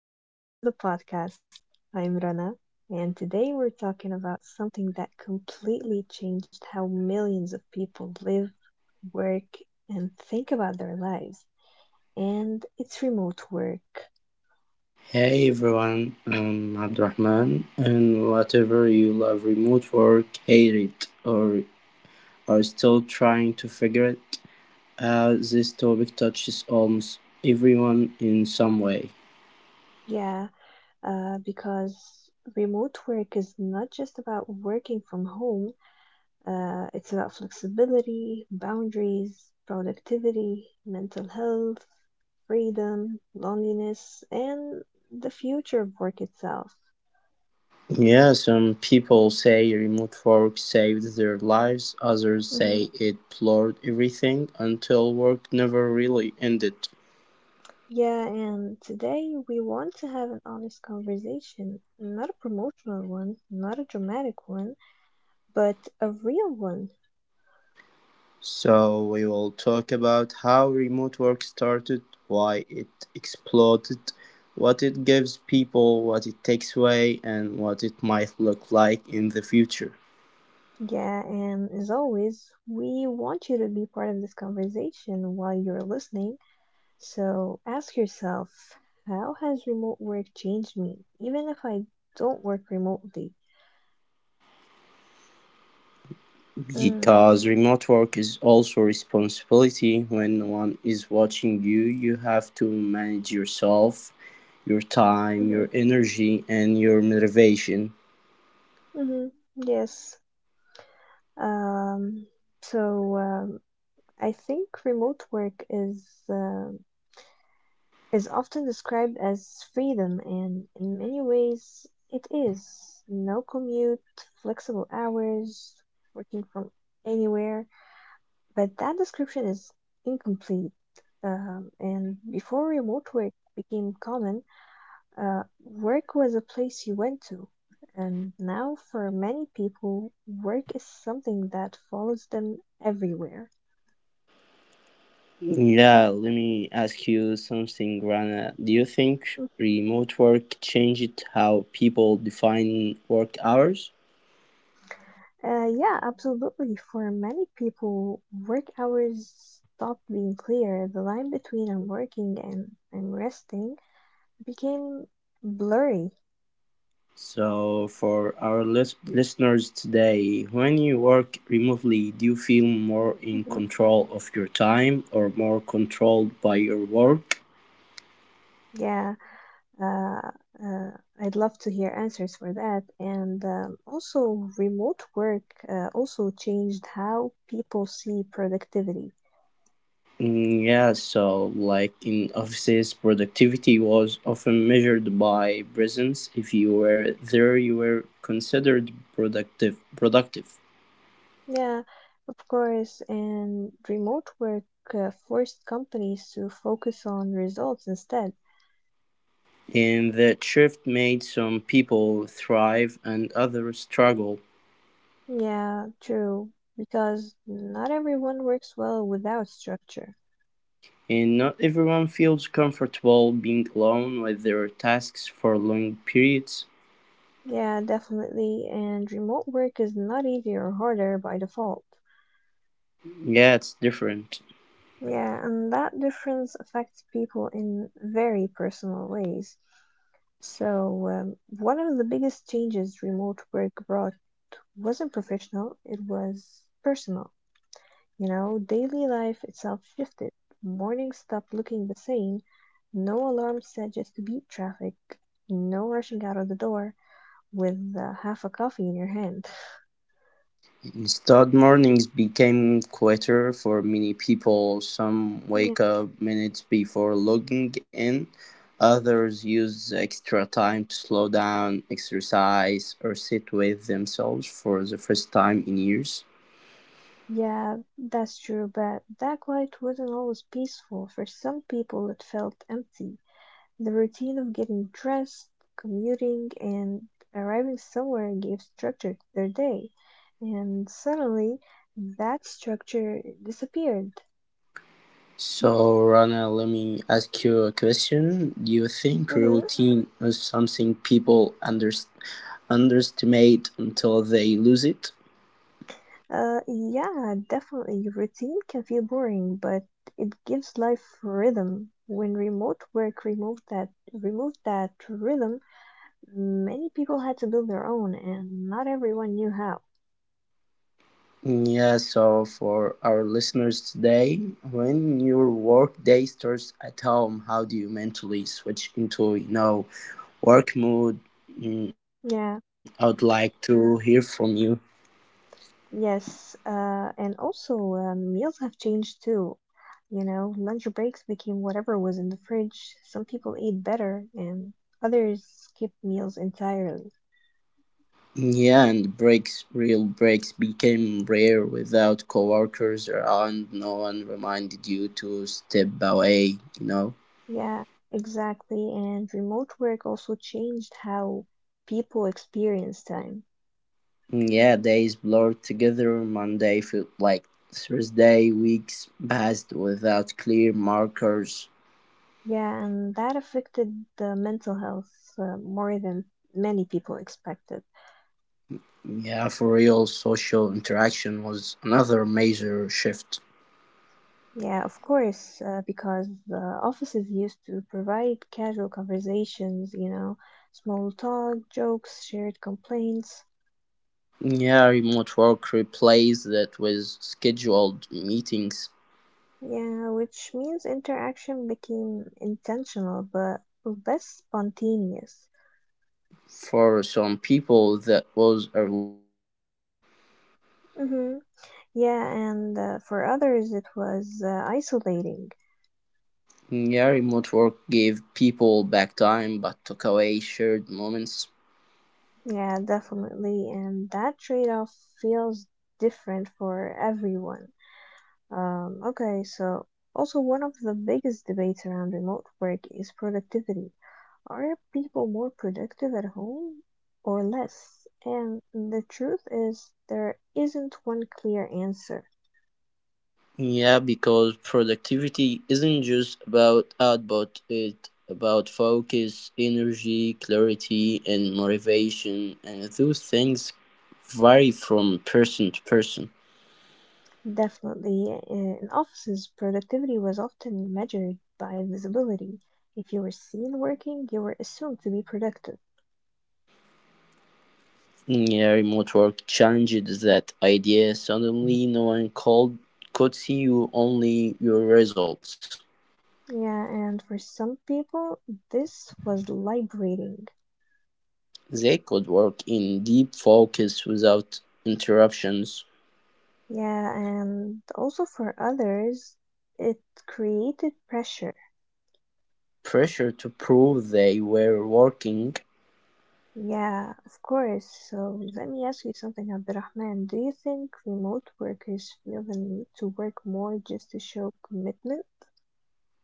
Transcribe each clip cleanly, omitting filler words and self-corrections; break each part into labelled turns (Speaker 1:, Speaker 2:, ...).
Speaker 1: welcome back to the podcast. I'm Rana, and today we're talking about something that completely changed how millions of people live, work, and think about their lives. And it's remote work.
Speaker 2: Hey everyone, I'm Abdurrahman, and whatever you love remote work, hate it, or are still trying to figure it out, this topic touches almost everyone in some way.
Speaker 1: Yeah, because remote work is not just about working from home, it's about flexibility, boundaries, productivity, mental health freedom, loneliness, and the future of work itself.
Speaker 2: Yeah, some people say remote work saved their lives, others
Speaker 1: hmm
Speaker 2: say it blurred everything until work never really ended.
Speaker 1: Yeah, and today we want to have an honest conversation, not a promotional one, not a dramatic one, but a real one.
Speaker 2: So we will talk about how remote work started, why it exploded, what it gives people, what it takes away, and what it might look like in the future.
Speaker 1: Yeah, and as always, we want you to be part of this conversation while you're listening. So ask yourself, how has remote work changed me, even if I don't work remotely? Mm,
Speaker 2: Because remote work is also responsibility. When no one is watching you, you have to manage yourself, your time,
Speaker 1: hmm
Speaker 2: your energy, and your motivation.
Speaker 1: hmm Yes. Um, so um, I think remote work is often described as freedom, and in many ways it is. No commute, flexible hours, working from anywhere. But that description is incomplete. And before remote work became common, work was a place you went to. And now, for many people, work is something that follows them everywhere.
Speaker 2: Yeah, let me ask you something, Rana. Do you think
Speaker 1: Uh,
Speaker 2: remote work changed how people define work hours?
Speaker 1: yeah, absolutely. For many people, work hours stopped being clear. The line between I'm working and I'm resting became blurry.
Speaker 2: So, for our listeners today, when you work remotely, do you feel more in
Speaker 1: hmm
Speaker 2: control of your time or more controlled by your work?
Speaker 1: Yeah. Uh, uh, I'd love to hear answers for that. And also, remote work also changed how people see productivity.
Speaker 2: Mm, yeah, so like in offices, productivity was often measured by presence. If you were there, you were considered productive.
Speaker 1: Yeah, of course. And remote work forced companies to focus on results instead.
Speaker 2: In that shift made some people thrive and others struggle,
Speaker 1: Yeah, true. Because not everyone works well without structure.
Speaker 2: and not everyone feels comfortable being alone with their tasks for long periods.
Speaker 1: Yeah, definitely. And remote work is not easier or harder by default.
Speaker 2: Yeah, it's different.
Speaker 1: Yeah, and that difference affects people in very personal ways. So, one of the biggest changes remote work brought wasn't professional, it was personal. You know, daily life itself shifted. Mornings stopped looking the same. No alarm set just to beat traffic. No rushing out of the door with half a coffee in your hand.
Speaker 2: Instead, mornings became quieter for many people. Some
Speaker 1: Yeah,
Speaker 2: wake up minutes before logging in, others use extra time to slow down, exercise, or sit with themselves for the first time in years.
Speaker 1: yeah, that's true, but that quiet wasn't always peaceful. For some people, it felt empty. The routine of getting dressed, commuting, and arriving somewhere gave structure to their day. And suddenly, that structure disappeared.
Speaker 2: So, Rana, let me ask you a question. Do you think
Speaker 1: Mhm.
Speaker 2: routine is something people underestimate until they lose it?
Speaker 1: Yeah, definitely. Routine can feel boring, but it gives life rhythm. When remote work removed that rhythm, many people had to build their own, and not everyone knew how.
Speaker 2: Yeah, so for our listeners today, when your work day starts at home, how do you mentally switch into, work mode? Mm, I would
Speaker 1: Yeah,
Speaker 2: like to hear from you.
Speaker 1: yes, and also meals have changed too. You know, lunch breaks became whatever was in the fridge. Some people ate better, and others skipped meals entirely.
Speaker 2: Yeah, and breaks, real breaks became rare without coworkers around. No one reminded you to step away.
Speaker 1: Yeah, exactly. And remote work also changed how people experience time.
Speaker 2: Yeah, days blurred together. Monday felt like Thursday. Weeks passed without clear markers.
Speaker 1: Yeah, and that affected the mental health more than many people expected.
Speaker 2: Yeah, for real, social interaction was another major shift.
Speaker 1: Yeah, of course, because the offices used to provide casual conversations, you know, small talk, jokes, shared complaints.
Speaker 2: Yeah, remote work replaced that with scheduled meetings.
Speaker 1: Yeah, which means interaction became intentional but less spontaneous.
Speaker 2: For some people, that was a relief.
Speaker 1: Mhm. Yeah, and for others it was isolating.
Speaker 2: Yeah, remote work gave people back time but took away shared moments.
Speaker 1: Yeah, definitely. And that trade-off feels different for everyone. Okay, so also one of the biggest debates around remote work is productivity. Are people more productive at home or less? And the truth is there isn't one clear answer.
Speaker 2: Yeah, because productivity isn't just about output, it's about focus, energy, clarity, and motivation, and those things vary from person to person.
Speaker 1: Definitely, in offices, productivity was often measured by visibility. If you were seen working, you were assumed to be productive.
Speaker 2: Yeah, remote work challenged that idea. Suddenly, no one called could see you, only your results.
Speaker 1: Yeah, and for some people, this was liberating.
Speaker 2: They could work in deep focus without interruptions
Speaker 1: Yeah, and also for others, it created pressure.
Speaker 2: pressure to prove they were working.
Speaker 1: Yeah, of course. So let me ask you something, Abdurrahman. Do you think remote workers feel the need to work more just to show commitment?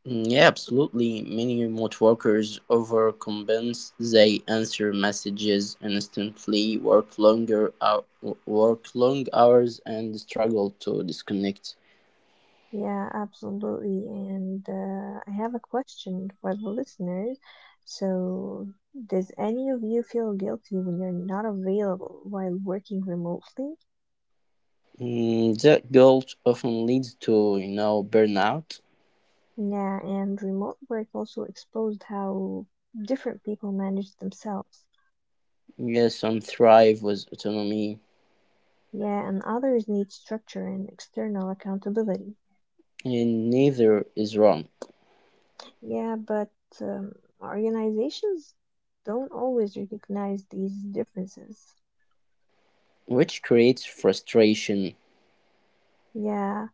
Speaker 2: Yeah, absolutely. Many remote workers overcompensate. They answer messages instantly, work long hours, and struggle to disconnect.
Speaker 1: Yeah, absolutely. And I have a question for the listeners. So, does any of you feel guilty when you're not available while working remotely?
Speaker 2: Mm, that guilt often leads to burnout.
Speaker 1: Yeah, and remote work also exposed how different people manage themselves.
Speaker 2: Yes, some thrive with autonomy,
Speaker 1: Yeah, and others need structure and external accountability.
Speaker 2: and neither is wrong,
Speaker 1: Yeah, but um, organizations don't always recognize these differences.
Speaker 2: which creates frustration.
Speaker 1: Yeah.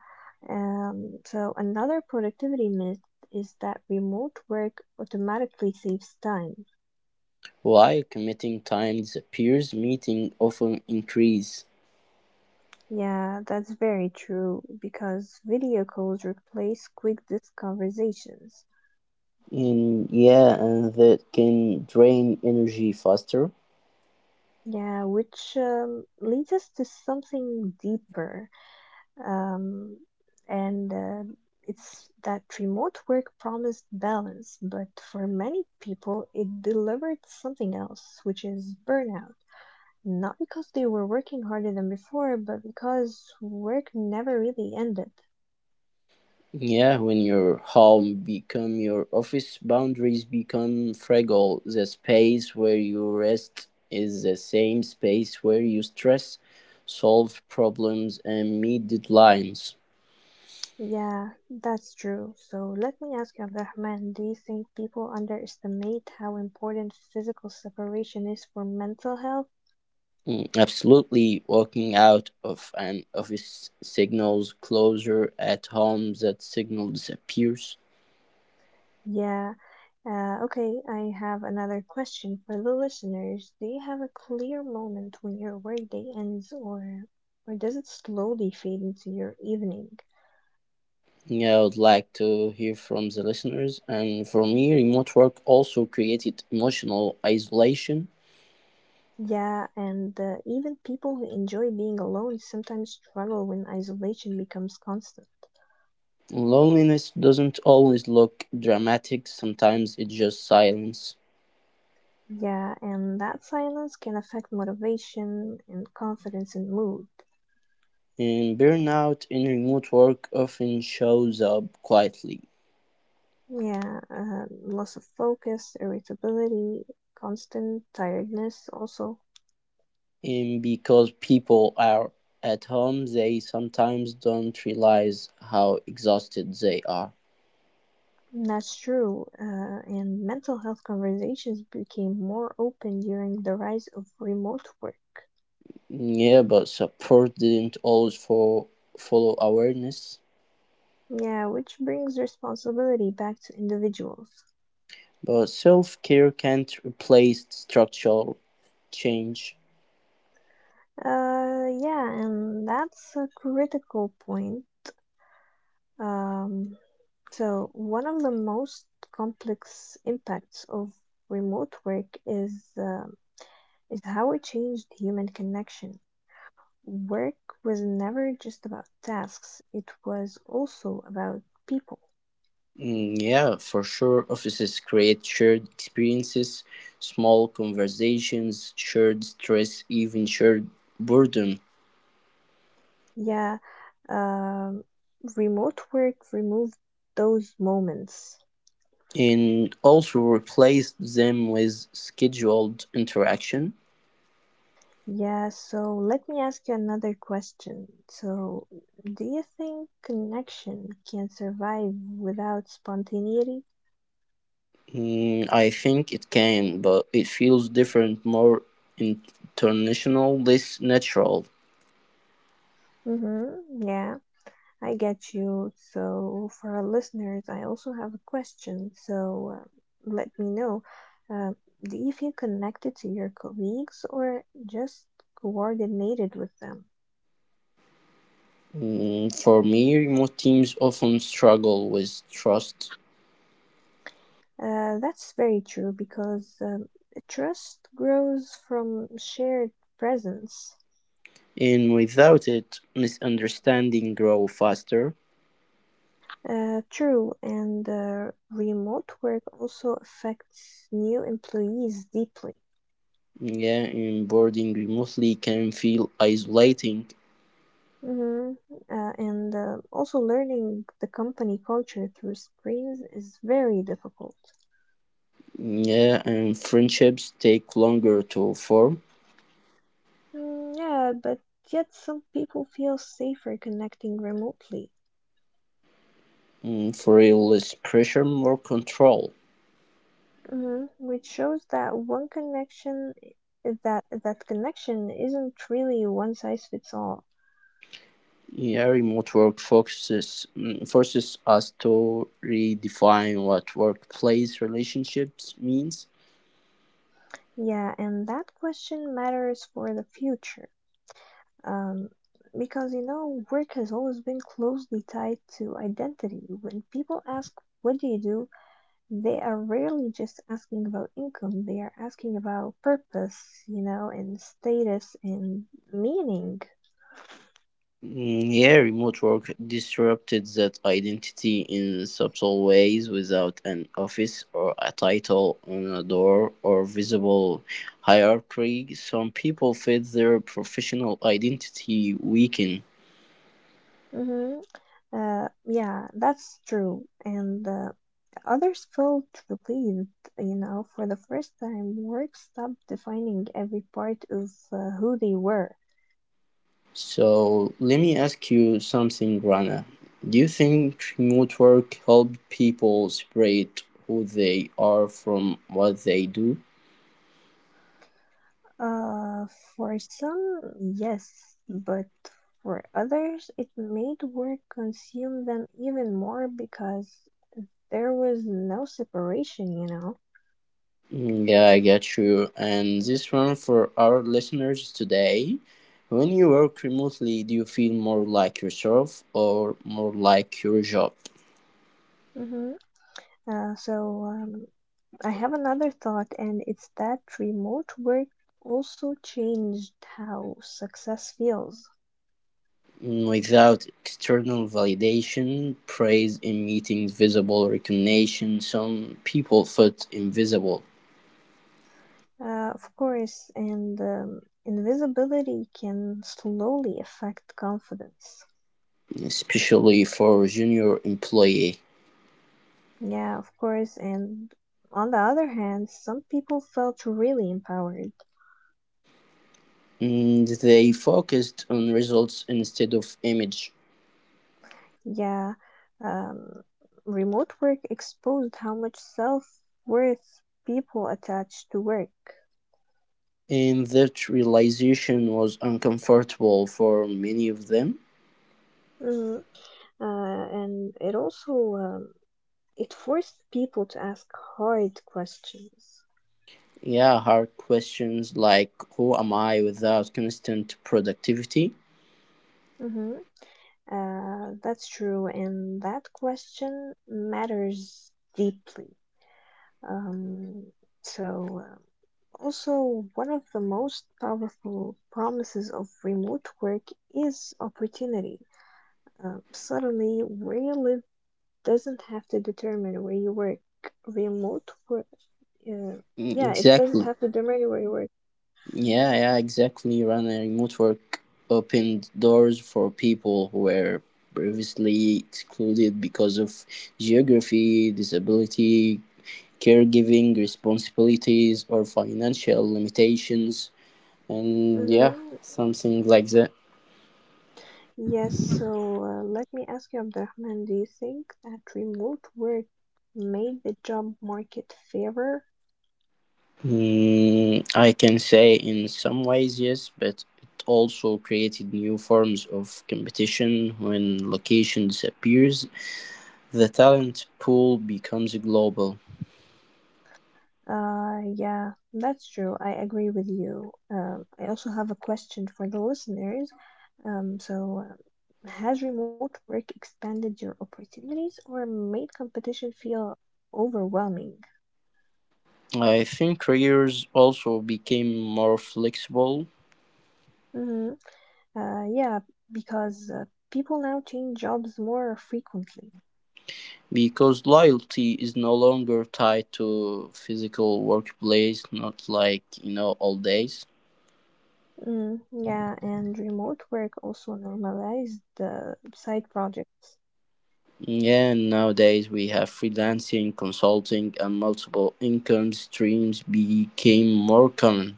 Speaker 1: So another productivity myth is that remote work automatically saves time.
Speaker 2: While committing time disappears, meeting often increase.
Speaker 1: Yeah, that's very true because video calls replace quick dis conversations.
Speaker 2: And yeah, and that can drain energy faster.
Speaker 1: Yeah, which leads us to something deeper. Um, and It's that remote work promised balance, but for many people, it delivered something else, which is burnout. Not because they were working harder than before, but because work never really ended.
Speaker 2: Yeah, when your home become your office, boundaries become fragile. The space where you rest is the same space where you stress, solve problems, and meet deadlines.
Speaker 1: Yeah, that's true. So let me ask you, Abdurrahman, do you think people underestimate how important physical separation is for mental health?
Speaker 2: Mm, absolutely, walking out of an office signals closure at home, that signal disappears.
Speaker 1: Yeah, okay, I have another question for the listeners. Do you have a clear moment when your workday ends or does it slowly fade into your evening?
Speaker 2: Yeah, I would like to hear from the listeners. And for me, remote work also created emotional isolation.
Speaker 1: Yeah, and even people who enjoy being alone sometimes struggle when isolation becomes constant.
Speaker 2: Loneliness doesn't always look dramatic, sometimes it's just silence.
Speaker 1: Yeah, and that silence can affect motivation and confidence and mood.
Speaker 2: And burnout in remote work often shows up quietly.
Speaker 1: Yeah, loss of focus, irritability, constant tiredness also.
Speaker 2: And because people are at home, they sometimes don't realize how exhausted they are.
Speaker 1: That's true, and mental health conversations became more open during the rise of remote work.
Speaker 2: Yeah, but support didn't always follow awareness.
Speaker 1: Yeah, which brings responsibility back to individuals.
Speaker 2: But self care can't replace structural change.
Speaker 1: Yeah, and that's a critical point. Um, so, one of the most complex impacts of remote work is how it changed human connection. Work was never just about tasks; it was also about people.
Speaker 2: Mm, yeah, for sure. Offices create shared experiences, small conversations, shared stress, even shared boredom,
Speaker 1: Yeah, um, remote work removed those moments.
Speaker 2: and also replace them with scheduled interaction.
Speaker 1: Yeah, so let me ask you another question. So, do you think connection can survive without spontaneity?
Speaker 2: Mm, I think it can, but it feels different, more international, less natural.
Speaker 1: Mm-hmm, yeah, I get you. So, for our listeners, I also have a question. So, let me know. Uh, do you feel connected to your colleagues or just coordinated with them?
Speaker 2: Mm, for me, remote teams often struggle with trust
Speaker 1: That's very true because trust grows from shared presence.
Speaker 2: and without it misunderstanding grow faster,
Speaker 1: True, and remote work also affects new employees deeply.
Speaker 2: yeah, and boarding remotely can feel isolating,
Speaker 1: Hmm and Also learning the company culture through screens is very difficult.
Speaker 2: yeah, and friendships take longer to form.
Speaker 1: Mm, yeah, but yet some people feel safer connecting remotely.
Speaker 2: Mm, for real less pressure more control,
Speaker 1: Which shows that one connection that that connection isn't really one size fits all.
Speaker 2: yeah, remote work forces us to redefine what workplace relationships means.
Speaker 1: Yeah, and that question matters for the future. Um, because you know, work has always been closely tied to identity. When people ask, "What do you do?" they are rarely just asking about income, they are asking about purpose, you know, and status and meaning.
Speaker 2: Yeah, remote work disrupted that identity in subtle ways without an office or a title on a door or visible hierarchy. Some people felt their professional identity weaken.
Speaker 1: hmm yeah, that's true. And others felt relieved, you know, for the first time, work stopped defining every part of who they were.
Speaker 2: So, let me ask you something, Rana. Do you think remote work helped people separate who they are from what they do?
Speaker 1: Uh, for some, yes, but for others, it made work consume them even more because there was no separation, you know.
Speaker 2: Mm, yeah, I get you. And this one for our listeners today. When you work remotely, do you feel more like yourself or more like your job?
Speaker 1: hmm so um, I have another thought, and it's that remote work also changed how success feels.
Speaker 2: Mm, without external validation, praise in meetings, visible recognition, some people felt invisible,
Speaker 1: Of course, and invisibility can slowly affect confidence.
Speaker 2: especially for junior employee.
Speaker 1: Yeah, of course. And on the other hand, some people felt really empowered.
Speaker 2: And they focused on results instead of image.
Speaker 1: Yeah, um, remote work exposed how much self worth people attach to work.
Speaker 2: And that realization was uncomfortable for many of them.
Speaker 1: Mhm. And it forced people to ask hard questions.
Speaker 2: Yeah, hard questions like who am I without constant productivity?
Speaker 1: hmm that's true, and that question matters deeply. Um, so Also, one of the most powerful promises of remote work is opportunity. Suddenly, where you live doesn't have to determine where you work. Remote work, uh,
Speaker 2: Mm,
Speaker 1: yeah, it doesn't
Speaker 2: exactly.
Speaker 1: have to determine where you work.
Speaker 2: Yeah, yeah, exactly. Running remote work opened doors for people who were previously excluded because of geography, disability, caregiving responsibilities, or financial limitations. And yeah,
Speaker 1: Mhm.
Speaker 2: something like that.
Speaker 1: Yes, so let me ask you, Abdurrahman, do you think that remote work made the job market fairer?
Speaker 2: Mm, I can say in some ways yes, but it also created new forms of competition when location disappears. The talent pool becomes global.
Speaker 1: Yeah, that's true. I agree with you. I also have a question for the listeners. Has remote work expanded your opportunities or made competition feel overwhelming?
Speaker 2: I think careers also became more flexible
Speaker 1: hmm Uh, yeah, because people now change jobs more frequently.
Speaker 2: because loyalty is no longer tied to physical workplace, not like old days.
Speaker 1: Yeah, and remote work also normalized side projects.
Speaker 2: Yeah, nowadays we have freelancing, consulting, and multiple income streams became more common.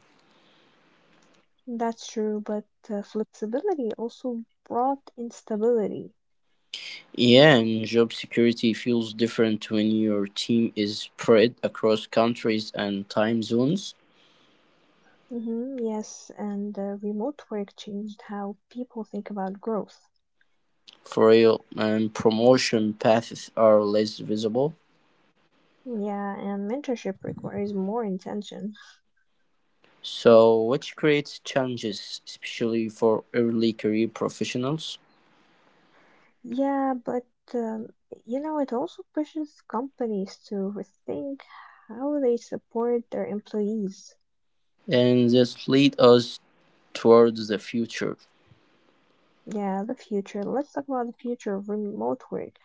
Speaker 1: That's true, but flexibility also brought instability.
Speaker 2: Yeah, and job security feels different when your team is spread across countries and time zones
Speaker 1: Mm-hmm, yes, and remote work changed how people think about growth.
Speaker 2: for real, and promotion paths are less visible.
Speaker 1: Yeah, and mentorship requires more intention.
Speaker 2: So, which creates challenges, especially for early career professionals,
Speaker 1: Yeah, but um, you know, it also pushes companies to rethink how they support their employees.
Speaker 2: and this lead us towards the future.
Speaker 1: Yeah, the future. Let's talk about the future of remote work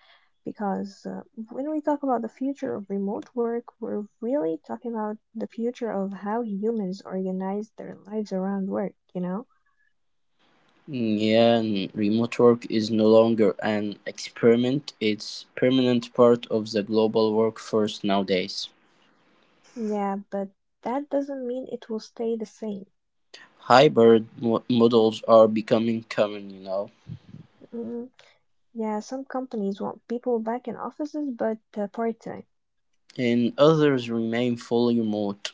Speaker 1: because when we talk about the future of remote work, we're really talking about the future of how humans organize their lives around work, you know?
Speaker 2: Yeah, and remote work is no longer an experiment, it's permanent part of the global workforce nowadays.
Speaker 1: Yeah, but that doesn't mean it will stay the same.
Speaker 2: Hybrid models are becoming common, you know,
Speaker 1: Mm, yeah, some companies want people back in offices, but part-time.
Speaker 2: and others remain fully remote.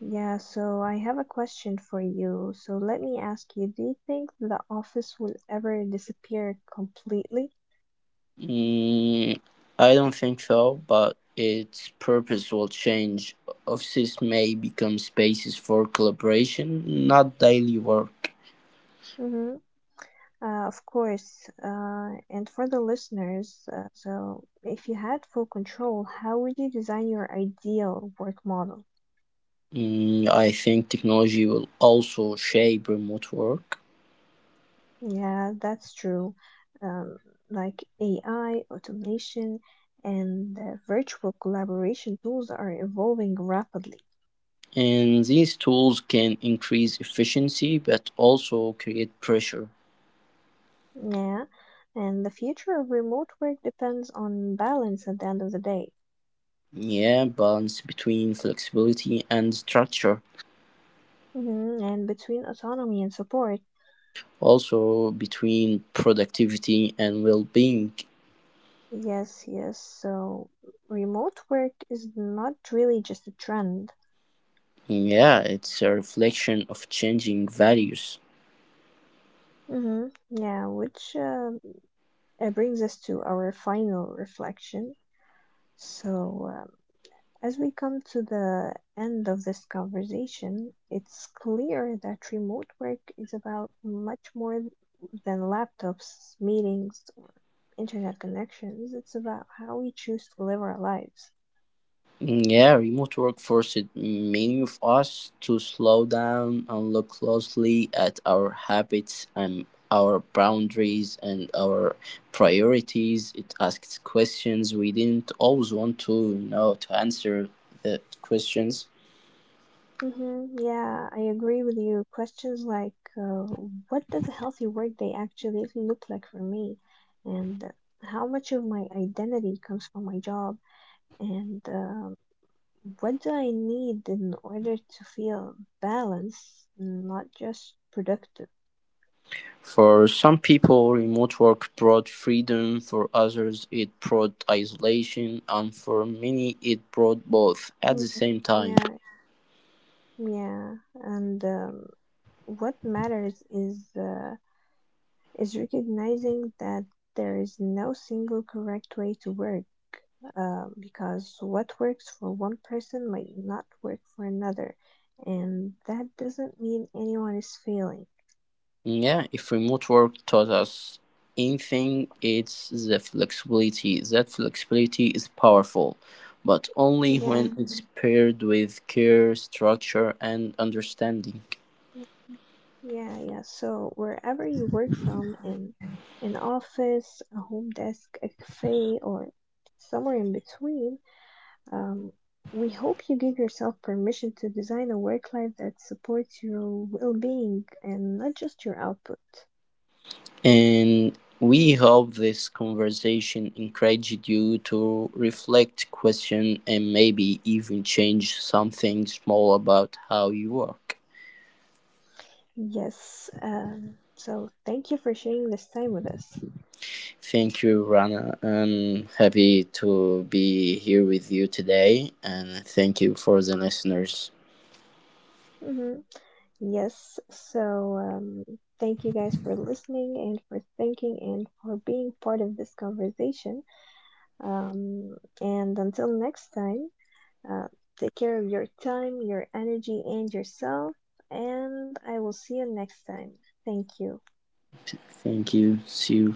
Speaker 1: Yeah, so I have a question for you. So let me ask you, do you think the office will ever disappear completely?
Speaker 2: Mm, I don't think so, but its purpose will change. Offices may become spaces for collaboration, not daily work.
Speaker 1: Mm-hmm. Of course. And for the listeners, so if you had full control, how would you design your ideal work model?
Speaker 2: Mm, I think technology will also shape remote work.
Speaker 1: Yeah, that's true. Um, like AI, automation, and virtual collaboration tools are evolving rapidly.
Speaker 2: And these tools can increase efficiency but also create pressure.
Speaker 1: Yeah, and the future of remote work depends on balance at the end of the day.
Speaker 2: Yeah, balance between flexibility and structure,
Speaker 1: And between autonomy and support.
Speaker 2: also between productivity and well being.
Speaker 1: Yes, yes. So remote work is not really just a trend.
Speaker 2: Yeah, it's a reflection of changing values.
Speaker 1: Yeah, which brings us to our final reflection. So, um, As we come to the end of this conversation, it's clear that remote work is about much more than laptops, meetings, or internet connections. It's about how we choose to live our lives.
Speaker 2: Yeah, remote work forced many of us to slow down and look closely at our habits and our boundaries and our priorities. It asks questions we didn't always want to, to answer the questions.
Speaker 1: Mm-hmm, yeah, I agree with you. Questions like, what does a healthy workday actually look like for me? And how much of my identity comes from my job? And what do I need in order to feel balanced, not just productive?
Speaker 2: For some people, remote work brought freedom. For others, it brought isolation, and for many, it brought both at
Speaker 1: Mm,
Speaker 2: the same time.
Speaker 1: Yeah, yeah. And what matters is recognizing that there is no single correct way to work, because what works for one person might not work for another, and that doesn't mean anyone is failing.
Speaker 2: Yeah, if remote work taught us anything, it's the flexibility. That flexibility is powerful, but only
Speaker 1: Yeah.
Speaker 2: when it's paired with care, structure, and understanding.
Speaker 1: Yeah, yeah. So wherever you work from, in an office, a home desk, a cafe, or somewhere in between, um, we hope you give yourself permission to design a work life that supports your well-being and not just your output.
Speaker 2: And we hope this conversation encouraged you to reflect, question, and maybe even change something small about how you work.
Speaker 1: Yes. So thank you for sharing this time with us.
Speaker 2: Thank you, Rana. I'm happy to be here with you today, and thank you for the listeners.
Speaker 1: Mm-hmm. Yes. So thank you guys for listening and for thinking and for being part of this conversation. And until next time, uh, take care of your time, your energy, and yourself. And I will see you next time. Thank you.
Speaker 2: Thank you. See you.